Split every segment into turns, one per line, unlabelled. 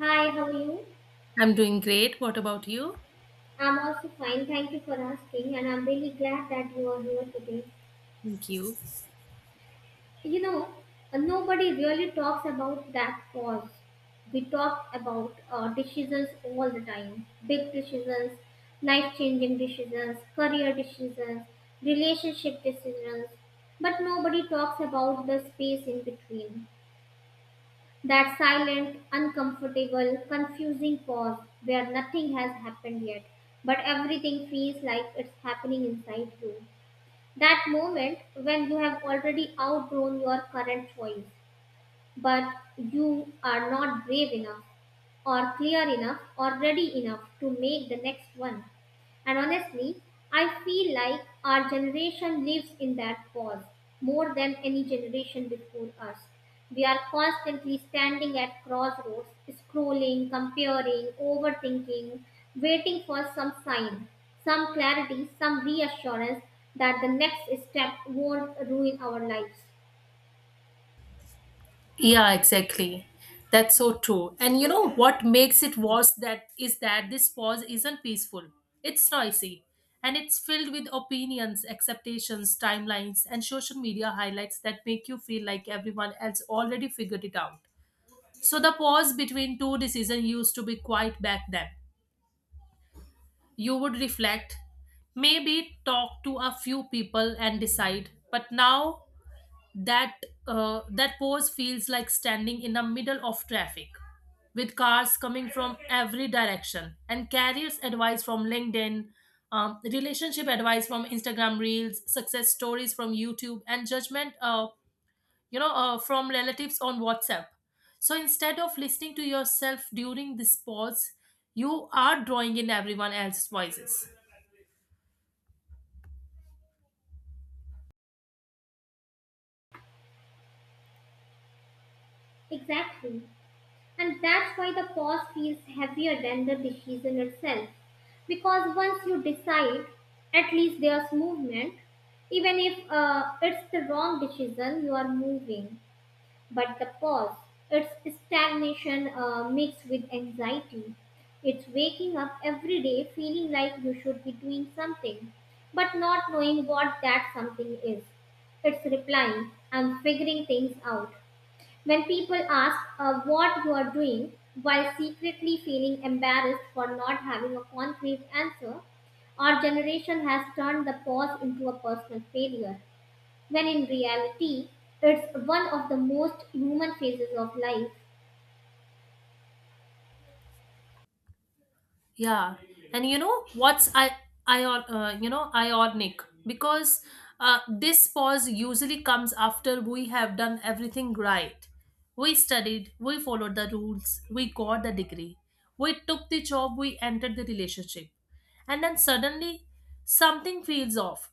Hi, how are you?
I'm doing great. What about you?
I'm also fine. Thank you for asking, and I'm really glad that you are here today.
Thank you.
You know, nobody really talks about that cause. We talk about decisions all the time big decisions, life changing decisions, career decisions, relationship decisions, but nobody talks about the space in between. That silent, uncomfortable, confusing pause where nothing has happened yet, but everything feels like it's happening inside you. That moment when you have already outgrown your current choice, but you are not brave enough or clear enough or ready enough to make the next one. And honestly, I feel like our generation lives in that pause more than any generation before us. We are constantly standing at crossroads, scrolling, comparing, overthinking, waiting for some sign, some clarity, some reassurance that the next step won't ruin our lives.
Yeah, exactly. That's so true. And you know what makes it worse that this pause isn't peaceful. It's noisy, and it's filled with opinions, expectations, timelines, and social media highlights that make you feel like everyone else already figured it out. So the pause between two decisions used to be quite back then. You would reflect, maybe talk to a few people and decide, but now that that pose feels like standing in the middle of traffic with cars coming from every direction, and careers advice from LinkedIn, relationship advice from Instagram reels, success stories from YouTube, and judgment, from relatives on WhatsApp. So instead of listening to yourself during this pause, you are drawing in everyone else's voices.
Exactly. And that's why the pause feels heavier than the decision itself. Because once you decide, at least there's movement. Even if it's the wrong decision, you are moving. But the pause, it's stagnation mixed with anxiety. It's waking up every day feeling like you should be doing something, but not knowing what that something is. It's replying, I'm figuring things out when people ask what you are doing, while secretly feeling embarrassed for not having a concrete answer. Our generation has turned the pause into a personal failure, when in reality, it's one of the most human phases of life.
Yeah, and you know what's I you know ionic, because this pause usually comes after we have done everything right. We studied, we followed the rules, we got the degree, we took the job, we entered the relationship, and then suddenly something feels off,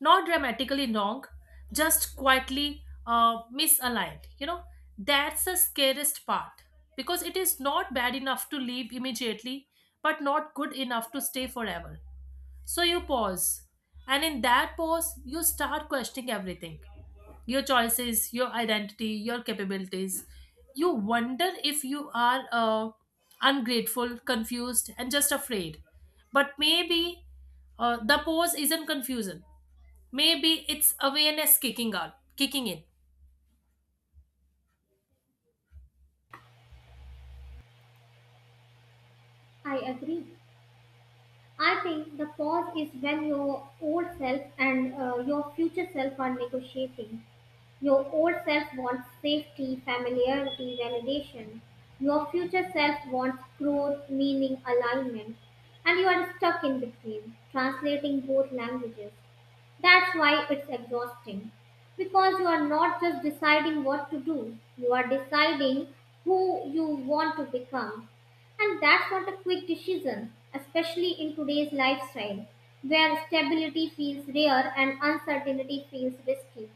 not dramatically wrong, just quietly misaligned. You know, that's the scariest part because it is not bad enough to leave immediately, but not good enough to stay forever. So you pause, and in that pause, you start questioning everything: your choices, your identity, your capabilities. You wonder if you are ungrateful, confused, and just afraid. But maybe the pause isn't confusion. Maybe it's awareness kicking out, kicking in.
I agree. I think the pause is when your old self and your future self are negotiating. Your old self wants safety, familiarity, validation. Your future self wants growth, meaning, alignment. And you are stuck in between, translating both languages. That's why it's exhausting. Because you are not just deciding what to do, you are deciding who you want to become. And that's not a quick decision, especially in today's lifestyle, where stability feels rare and uncertainty feels risky.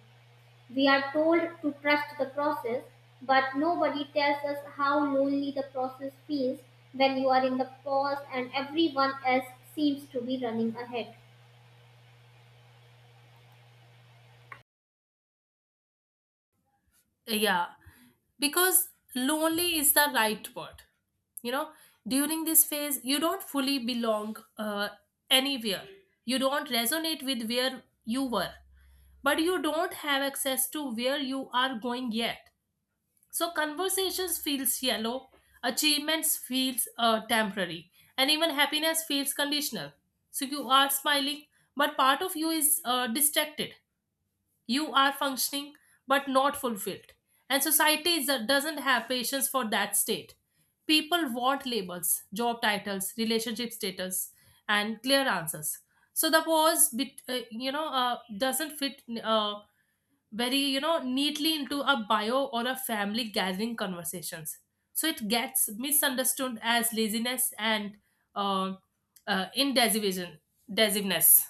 We are told to trust the process, but nobody tells us how lonely the process feels when you are in the pause and everyone else seems to be running ahead.
Yeah, because lonely is the right word. You know, during this phase, you don't fully belong anywhere. You don't resonate with where you were, but you don't have access to where you are going yet. So conversations feels shallow, achievements feels temporary, and even happiness feels conditional. So you are smiling, but part of you is distracted. You are functioning but not fulfilled, and society doesn't have patience for that state. People want labels, job titles, relationship status, and clear answers. So the pause doesn't fit very neatly into a bio or a family gathering conversations, so it gets misunderstood as laziness and uh, indecisiveness.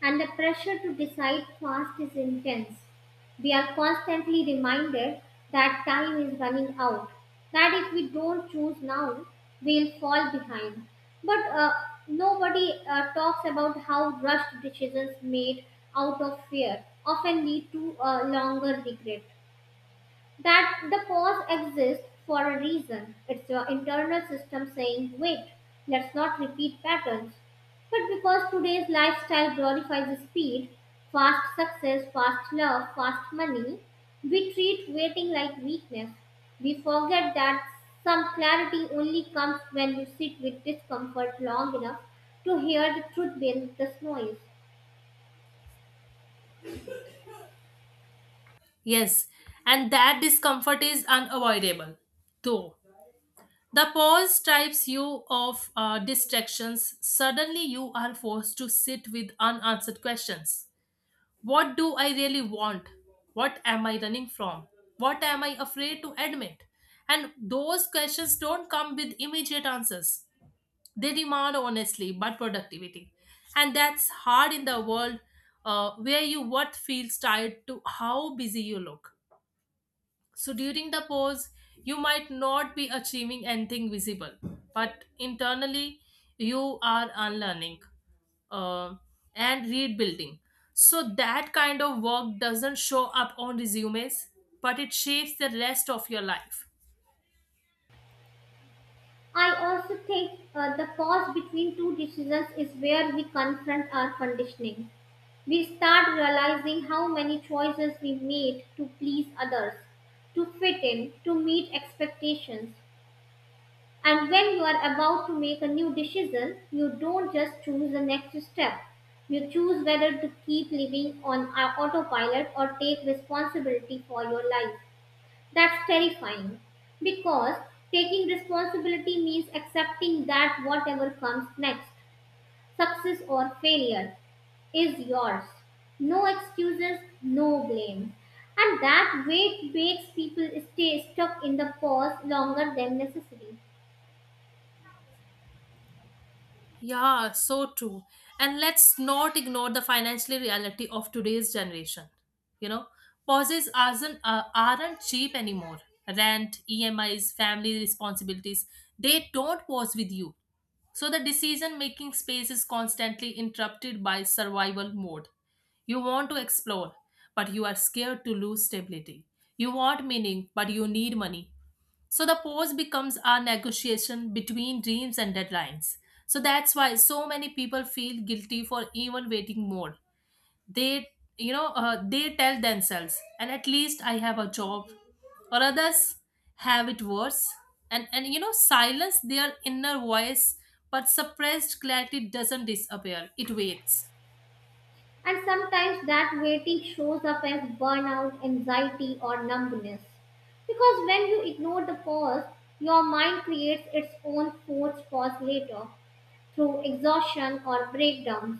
And the pressure to decide fast is intense. We are constantly reminded that time is running out, that if we don't choose now, we'll fall behind. But nobody talks about how rushed decisions made out of fear often lead to a longer regret, that the pause exists for a reason. It's your internal system saying, wait, let's not repeat patterns. But because today's lifestyle glorifies speed, fast success, fast love, fast money, we treat waiting like weakness. We forget that some clarity only comes when you sit with discomfort long enough to hear the truth beneath this noise.
Yes, and that discomfort is unavoidable. Though the pause strips you of distractions, suddenly you are forced to sit with unanswered questions. What do I really want? What am I running from? What am I afraid to admit? And those questions don't come with immediate answers. They demand honestly but productivity. And that's hard in the world where your worth feels tied to how busy you look. So during the pose, you might not be achieving anything visible, but internally, you are unlearning uh, and rebuilding. So that kind of work doesn't show up on resumes, but it shapes the rest of your life.
I also think the pause between two decisions is where we confront our conditioning. We start realizing how many choices we made to please others, to fit in, to meet expectations. And when you are about to make a new decision, you don't just choose the next step. You choose whether to keep living on autopilot or take responsibility for your life. That's terrifying because taking responsibility means accepting that whatever comes next, success or failure, is yours. No excuses, no blame. And that weight makes people stay stuck in the pause longer than necessary.
Yeah, so true. And let's not ignore the financial reality of today's generation. You know, pauses aren't cheap anymore. Rent, EMIs, family responsibilities, they don't pause with you. So the decision making space is constantly interrupted by survival mode. You want to explore, but you are scared to lose stability. You want meaning, but you need money. So the pause becomes our negotiation between dreams and deadlines. So that's why so many people feel guilty for even waiting more. They, they tell themselves, and at least I have a job, or others have it worse. And you know, silence their inner voice, but suppressed clarity doesn't disappear. It waits.
And sometimes that waiting shows up as burnout, anxiety, or numbness. Because when you ignore the pause, your mind creates its own forced pause later through exhaustion or breakdowns.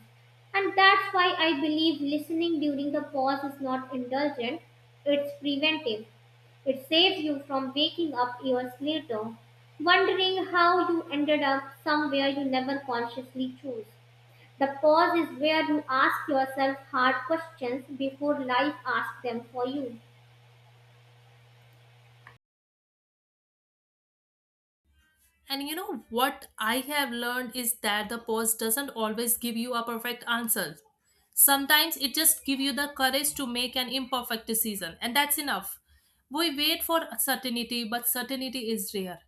And that's why I believe listening during the pause is not indulgent, it's preventive. It saves you from waking up years later, wondering how you ended up somewhere you never consciously chose. The pause is where you ask yourself hard questions before life asks them for you.
And you know what I have learned is that the post doesn't always give you a perfect answer. Sometimes it just gives you the courage to make an imperfect decision, and that's enough. We wait for certainty, but certainty is rare.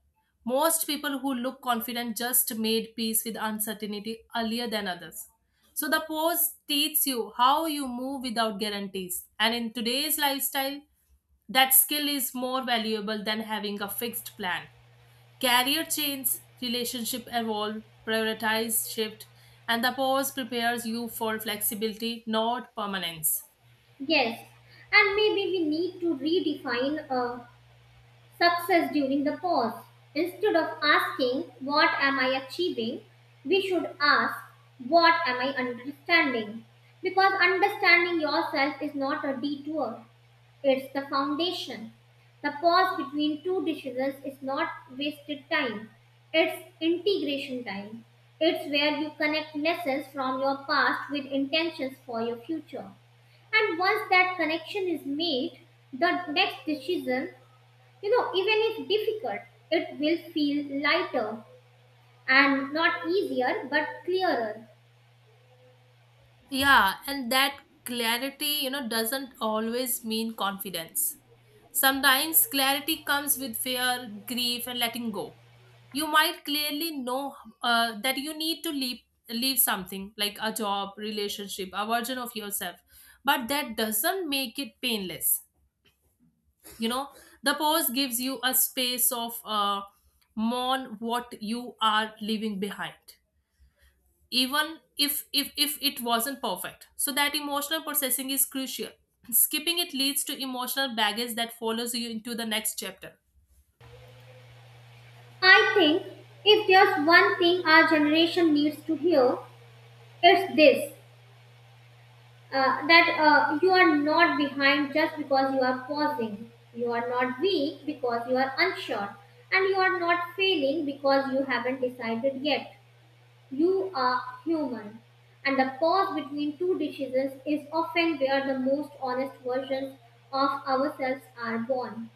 Most people who look confident just made peace with uncertainty earlier than others. So the pose teaches you how you move without guarantees. And in today's lifestyle, that skill is more valuable than having a fixed plan. Career change, relationship evolve, prioritize shift, and the pause prepares you for flexibility, not permanence.
Yes, and maybe we need to redefine success during the pause. Instead of asking, what am I achieving? We should ask, what am I understanding? Because understanding yourself is not a detour, it's the foundation. The pause between two decisions is not wasted time, it's integration time. It's where you connect lessons from your past with intentions for your future. And once that connection is made, the next decision, you know, even if difficult, it will feel lighter and not easier but clearer.
Yeah, and that clarity, you know, doesn't always mean confidence. Sometimes clarity comes with fear, grief, and letting go. You might clearly know that you need to leave something like a job, relationship, a version of yourself, but that doesn't make it painless. You know, the pause gives you a space of mourn what you are leaving behind, even if it wasn't perfect. So that emotional processing is crucial. Skipping it leads to emotional baggage that follows you into the next chapter.
I think if there's one thing our generation needs to hear, it's this that you are not behind just because you are pausing. You are not weak because you are unsure. And you are not failing because you haven't decided yet. You are human. And the pause between two decisions is often where the most honest versions of ourselves are born.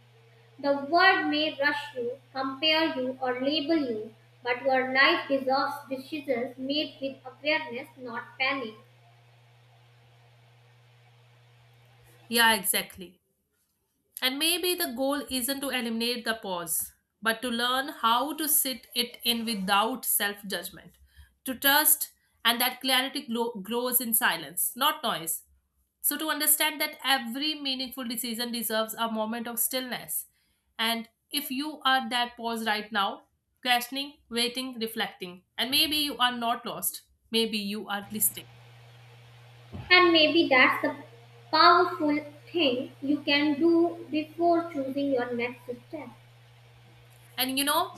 The world may rush you, compare you, or label you, but your life deserves decisions made with awareness, not panic.
Yeah, exactly. And maybe the goal isn't to eliminate the pause, but to learn how to sit it in without self judgment, to trust, and that clarity grows in silence, not noise. So, to understand that every meaningful decision deserves a moment of stillness. And if you are that pause right now, questioning, waiting, reflecting, and maybe you are not lost, maybe you are listening.
And maybe that's the powerful thing you can do before choosing your next step.
And you know,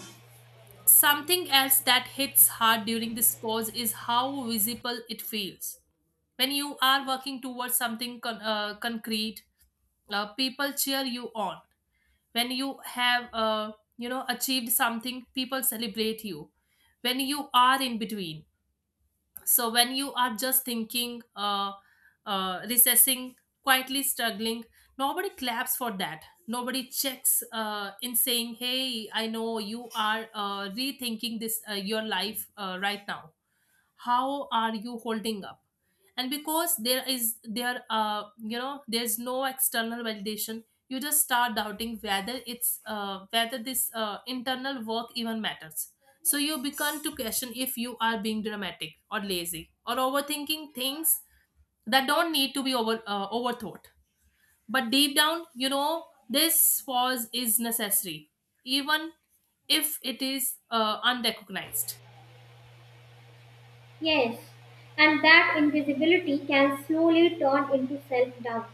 something else that hits hard during this pause is how visible it feels. When you are working towards something concrete, people cheer you on. When you have, achieved something, people celebrate you. When you are in between, so when you are just thinking, recessing, quietly struggling, nobody claps for that. Nobody checks in saying, hey, I know you are rethinking this, your life right now, how are you holding up? And because there is there you know there's no external validation, you just start doubting whether it's whether this internal work even matters. So you begin to question if you are being dramatic or lazy or overthinking things that don't need to be overthought. But deep down you know this pause is necessary, even if it is unrecognized.
Yes, and that invisibility can slowly turn into self doubt.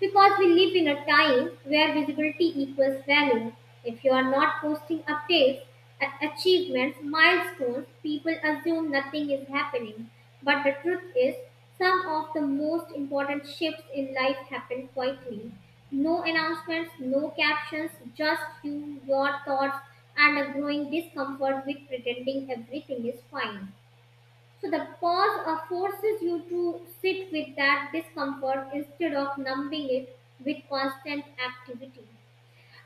Because we live in a time where visibility equals value. If you are not posting updates, achievements, milestones, people assume nothing is happening. But the truth is, some of the most important shifts in life happen quietly. No announcements, no captions, just you, your thoughts, and a growing discomfort with pretending everything is fine. So the pause forces you to sit with that discomfort instead of numbing it with constant activity.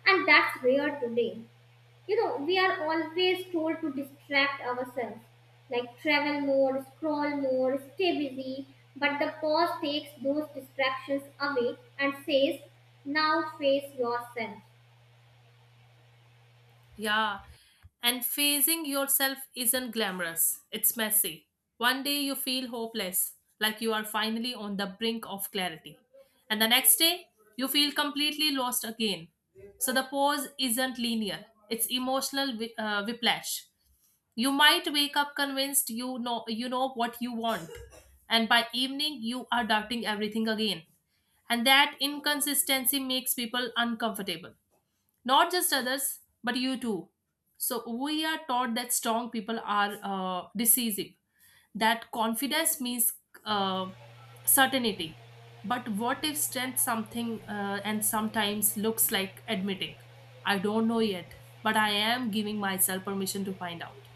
And that's rare today. You know, we are always told to distract ourselves, like travel more, scroll more, stay busy. But the pause takes those distractions away and says, now face yourself.
Yeah, and phasing yourself isn't glamorous, it's messy. One day you feel hopeless, like you are finally on the brink of clarity. And the next day, you feel completely lost again. So the pause isn't linear, it's emotional whiplash. You might wake up convinced you know what you want, and by evening you are doubting everything again. And that inconsistency makes people uncomfortable, not just others but you too. So we are taught that strong people are decisive, that confidence means uh, certainty. But what if strength something and sometimes looks like admitting, I don't know yet, but I am giving myself permission to find out.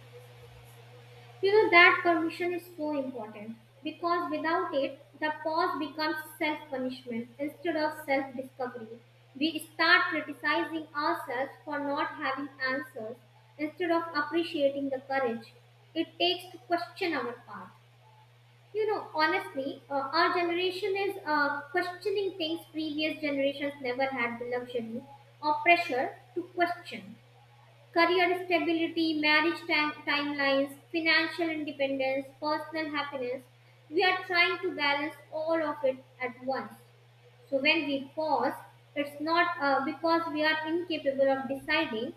You know, that permission is so important because without it, the pause becomes self punishment instead of self discovery. We start criticizing ourselves for not having answers instead of appreciating the courage it takes to question our path. Honestly, our generation is questioning things previous generations never had the luxury or pressure to question. Career stability, marriage time, timelines, financial independence, personal happiness. We are trying to balance all of it at once. So when we pause, it's not because we are incapable of deciding,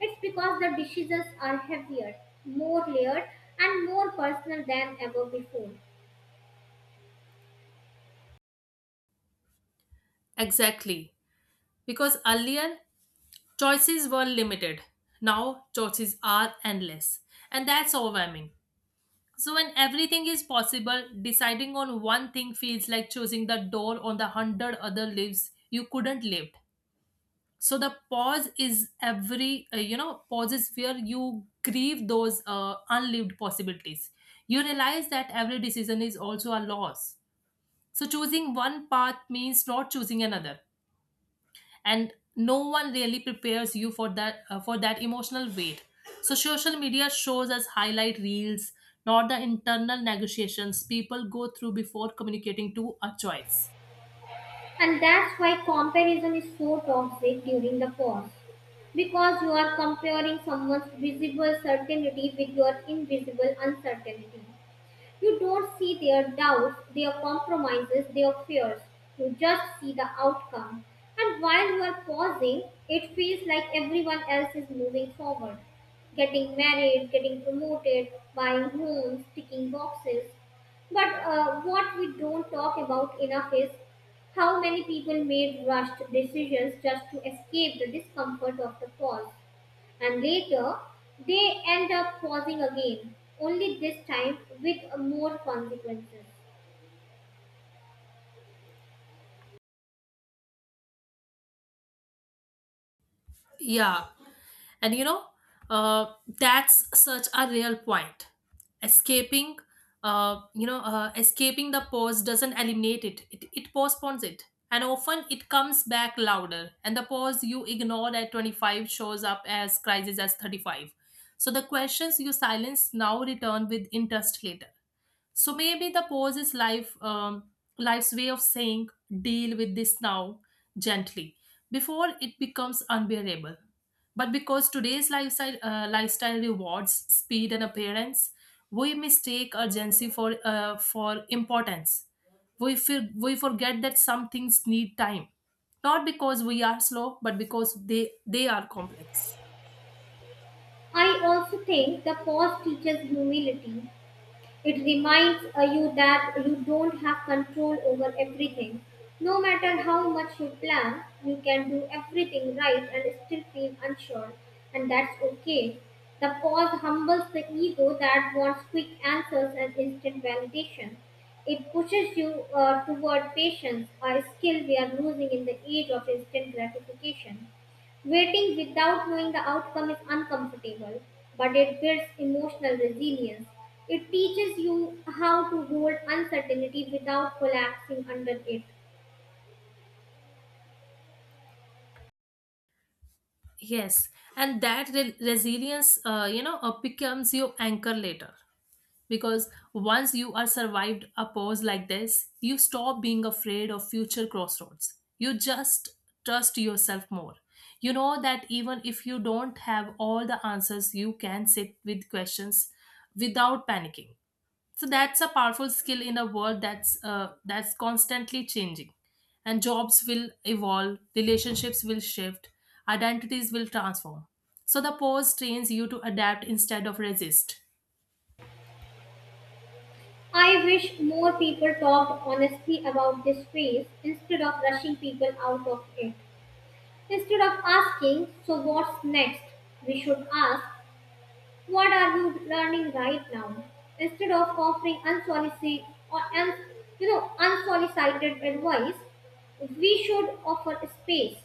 it's because the decisions are heavier, more layered, and more personal than ever before.
Exactly, because earlier choices were limited, now choices are endless, and that's overwhelming. So, when everything is possible, deciding on one thing feels like choosing the door on the hundred other lives you couldn't live. So, the pause is pauses where you grieve those unlived possibilities. You realize that every decision is also a loss. So, choosing one path means not choosing another, and no one really prepares you for that emotional weight. So social media shows us highlight reels, not the internal negotiations people go through before communicating to a choice.
And that's why comparison is so toxic during the pause. Because you are comparing someone's visible certainty with your invisible uncertainty. You don't see their doubts, their compromises, their fears. You just see the outcome. And while you are pausing, it feels like everyone else is moving forward. Getting married, getting promoted, buying homes, ticking boxes. But what we don't talk about enough is how many people made rushed decisions just to escape the discomfort of the pause, and later they end up pausing again, only this time with more consequences.
Yeah. And you know, that's such a real point. Escaping, Escaping the pause doesn't eliminate it. It postpones it. And often it comes back louder. And the pause you ignored at 25 shows up as crisis as 35. So the questions you silence now return with interest later. So maybe the pause is life's way of saying, deal with this now, gently, before it becomes unbearable. But because today's lifestyle rewards speed and appearance, we mistake urgency for importance. We forget that some things need time, not because we are slow, but because they are complex.
I also think the pause teaches humility. It reminds you that you don't have control over everything. No matter how much you plan, you can do everything right and still feel unsure, and that's okay. The pause humbles the ego that wants quick answers and instant validation. It pushes you toward patience, a skill we are losing in the age of instant gratification. Waiting without knowing the outcome is uncomfortable, but it builds emotional resilience. It teaches you how to hold uncertainty without collapsing under it.
Yes, and that resilience, becomes your anchor later, because once you are survived a pause like this, you stop being afraid of future crossroads. You just trust yourself more. You know that even if you don't have all the answers, you can sit with questions without panicking. So that's a powerful skill in a world that's constantly changing. And jobs will evolve, relationships will shift, identities will transform. So the pause trains you to adapt instead of resist.
I wish more people talked honestly about this phase instead of rushing people out of it. Instead of asking, so what's next? We should ask, what are you learning right now? Instead of offering unsolicited or un, you know unsolicited advice, we should offer space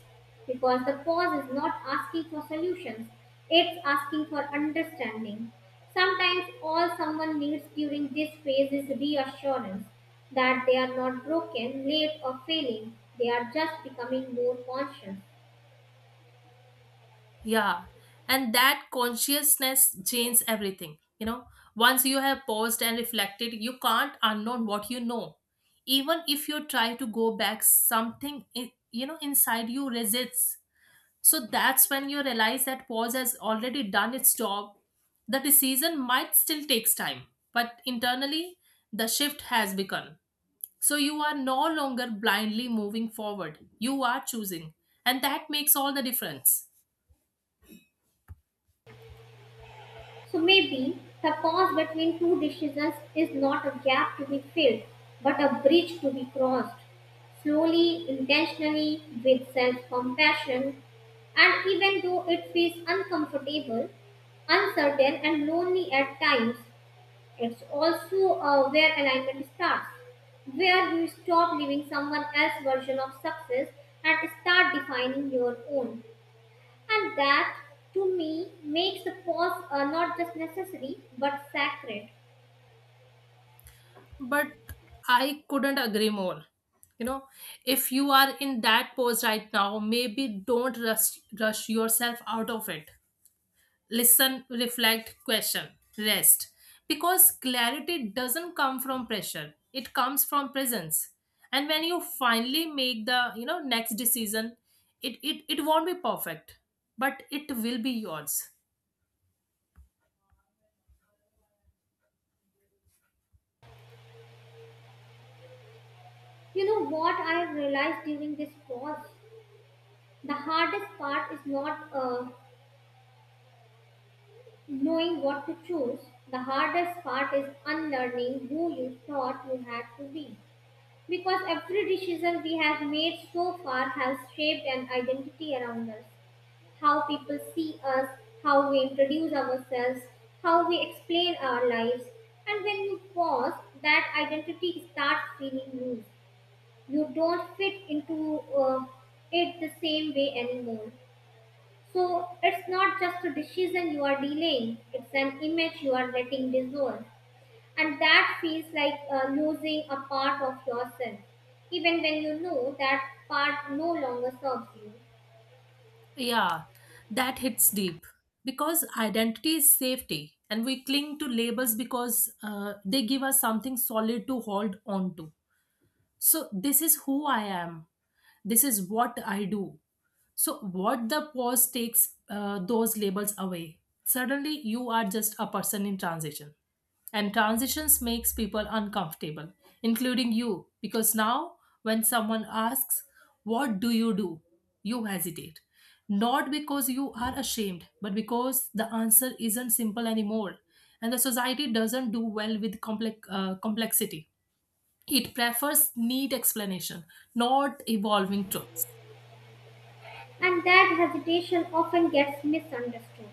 because the pause is not asking for solutions; it's asking for understanding. Sometimes all someone needs during this phase is reassurance that they are not broken, late, or failing. They are just becoming more conscious.
Yeah, and that consciousness changes everything. You know, once you have paused and reflected, you can't unknown what you know. Even if you try to go back, something you know, inside you resists. So that's when you realize that pause has already done its job. The decision might still takes time, but internally the shift has begun. So you are no longer blindly moving forward. You are choosing, and that makes all the difference.
So maybe the pause between two decisions is not a gap to be filled, but a bridge to be crossed. Slowly, intentionally, with self compassion, and even though it feels uncomfortable, uncertain, and lonely at times, it's also where alignment starts, where you stop living someone else's version of success and start defining your own. And that, to me, makes the pause not just necessary but sacred.
But I couldn't agree more. You know, if you are in that pose right now, maybe don't rush yourself out of it. Listen, reflect, question, rest, because clarity doesn't come from pressure, it comes from presence. And when you finally make the, you know, next decision, it won't be perfect, but it will be yours.
You know what I have realized during this pause? The hardest part is not knowing what to choose, the hardest part is unlearning who you thought you had to be. Because every decision we have made so far has shaped an identity around us. How people see us, how we introduce ourselves, how we explain our lives. And when you pause, that identity starts feeling loose. You don't fit into it the same way anymore. So it's not just a decision you are delaying, it's an image you are letting dissolve. And that feels like losing a part of yourself, even when you know that part no longer serves you.
Yeah, that hits deep because identity is safety, and we cling to labels because they give us something solid to hold on to. So, this is who I am, this is what I do. So what the pause takes those labels away, suddenly you are just a person in transition, and transitions makes people uncomfortable, including you, because now when someone asks, what do you do, you hesitate, not because you are ashamed, but because the answer isn't simple anymore, and the society doesn't do well with complexity. It prefers neat explanation, not evolving truths.
And that hesitation often gets misunderstood.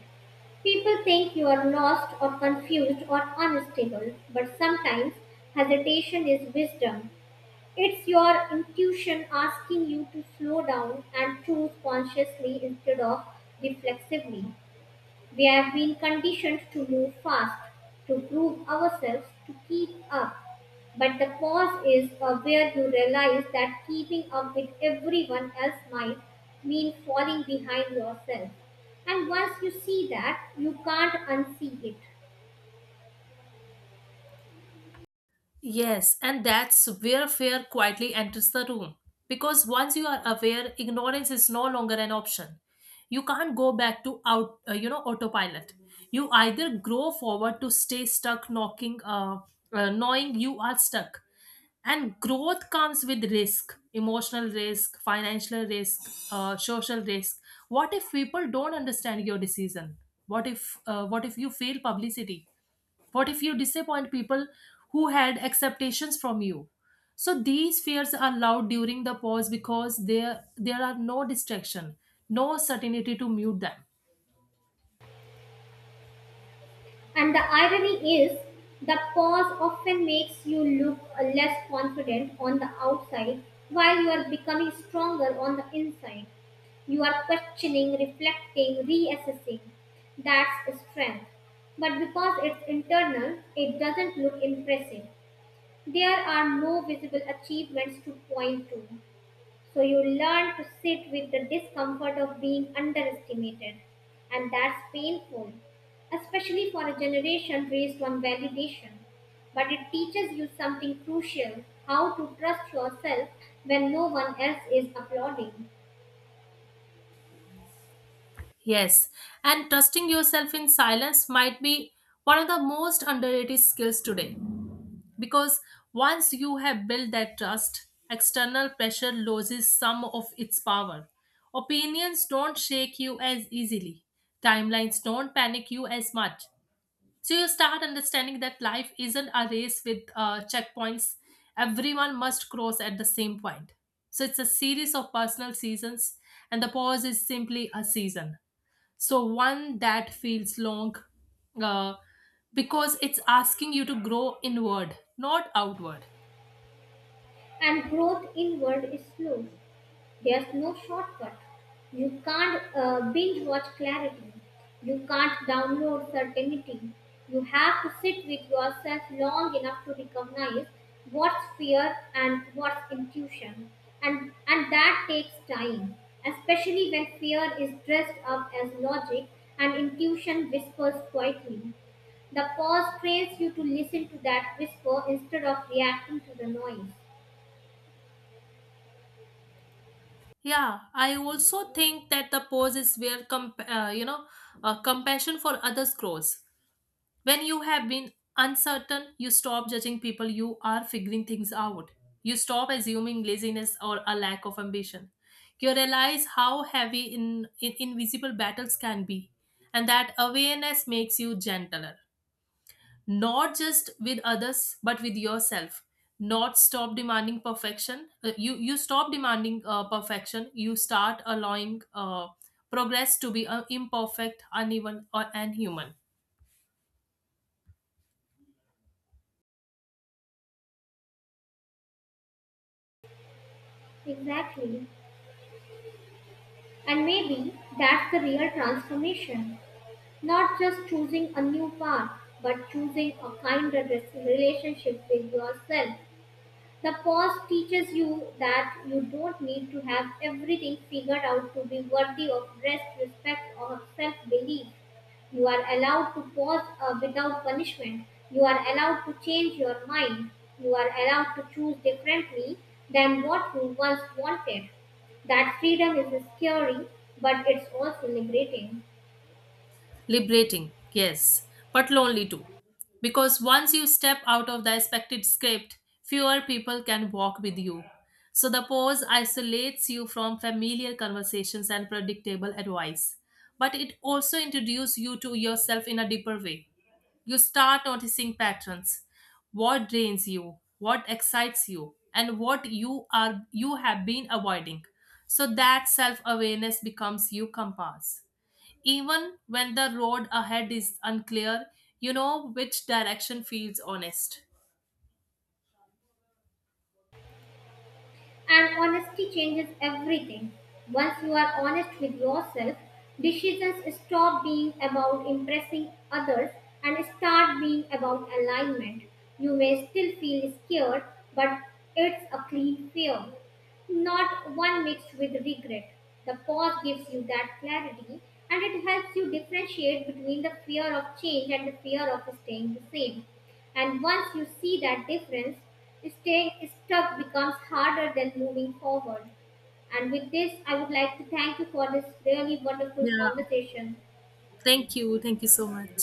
People think you are lost or confused or unstable, but sometimes hesitation is wisdom. It's your intuition asking you to slow down and choose consciously instead of reflexively. We have been conditioned to move fast, to prove ourselves, to keep up. But the pause is where you realize that keeping up with everyone else might mean falling behind yourself. And once you see that, you can't unsee it.
Yes, and that's where fear quietly enters the room. Because once you are aware, ignorance is no longer an option. You can't go back to autopilot. You either grow forward to stay stuck, knowing you are stuck. And growth comes with risk, emotional risk, financial risk, social risk. What if people don't understand your decision? What if you fail publicity? What if you disappoint people who had expectations from you? So these fears are loud during the pause because there are no distraction, no certainty to mute them.
And the irony is, the pause often makes you look less confident on the outside while you are becoming stronger on the inside. You are questioning, reflecting, reassessing. That's strength. But because it's internal, it doesn't look impressive. There are no visible achievements to point to. So you learn to sit with the discomfort of being underestimated, and that's painful, especially for a generation raised on validation. But it teaches you something crucial: how to trust yourself when no one else is applauding.
Yes, and trusting yourself in silence might be one of the most underrated skills today, because once you have built that trust, external pressure loses some of its power. Opinions don't shake you as easily, timelines don't panic you as much, so you start understanding that life isn't a race with checkpoints everyone must cross at the same point. So it's a series of personal seasons, and the pause is simply a season, so one that feels long, uh, because it's asking you to grow inward, not outward.
And growth inward is slow. There's no shortcut. You can't binge watch clarity. You can't download certainty. You have to sit with yourself long enough to recognize what's fear and what's intuition. And that takes time, especially when fear is dressed up as logic and intuition whispers quietly. The pause trains you to listen to that whisper instead of reacting to the noise.
Yeah, I also think that the pause is where compassion for others grows. When you have been uncertain, you stop judging people, you are figuring things out. You stop assuming laziness or a lack of ambition. You realize how heavy in invisible battles can be, and that awareness makes you gentler, not just with others, but with yourself. Not stop demanding perfection. You you stop demanding perfection. You start allowing progress to be imperfect, uneven, or and human.
Exactly. And maybe that's the real transformation. Not just choosing a new path, but choosing a kinder relationship with yourself. The pause teaches you that you don't need to have everything figured out to be worthy of rest, respect, or self belief. You are allowed to pause without punishment. You are allowed to change your mind. You are allowed to choose differently than what you once wanted. That freedom is scary, but it's also liberating.
Liberating, yes, but lonely too, because once you step out of the expected script, fewer people can walk with you. So the pause isolates you from familiar conversations and predictable advice, but it also introduces you to yourself in a deeper way. You start noticing patterns: what drains you, what excites you, and what you have been avoiding. So that self awareness becomes your compass. Even when the road ahead is unclear, you know which direction feels honest.
And honesty changes everything. Once you are honest with yourself, decisions stop being about impressing others and start being about alignment. You may still feel scared, but it's a clean fear, not one mixed with regret. The pause gives you that clarity and it helps you differentiate between the fear of change and the fear of staying the same. And once you see that difference, staying stuck becomes harder than moving forward. And with this, I would like to thank you for this really wonderful
Yeah,
conversation.
thank you. Thank you so much.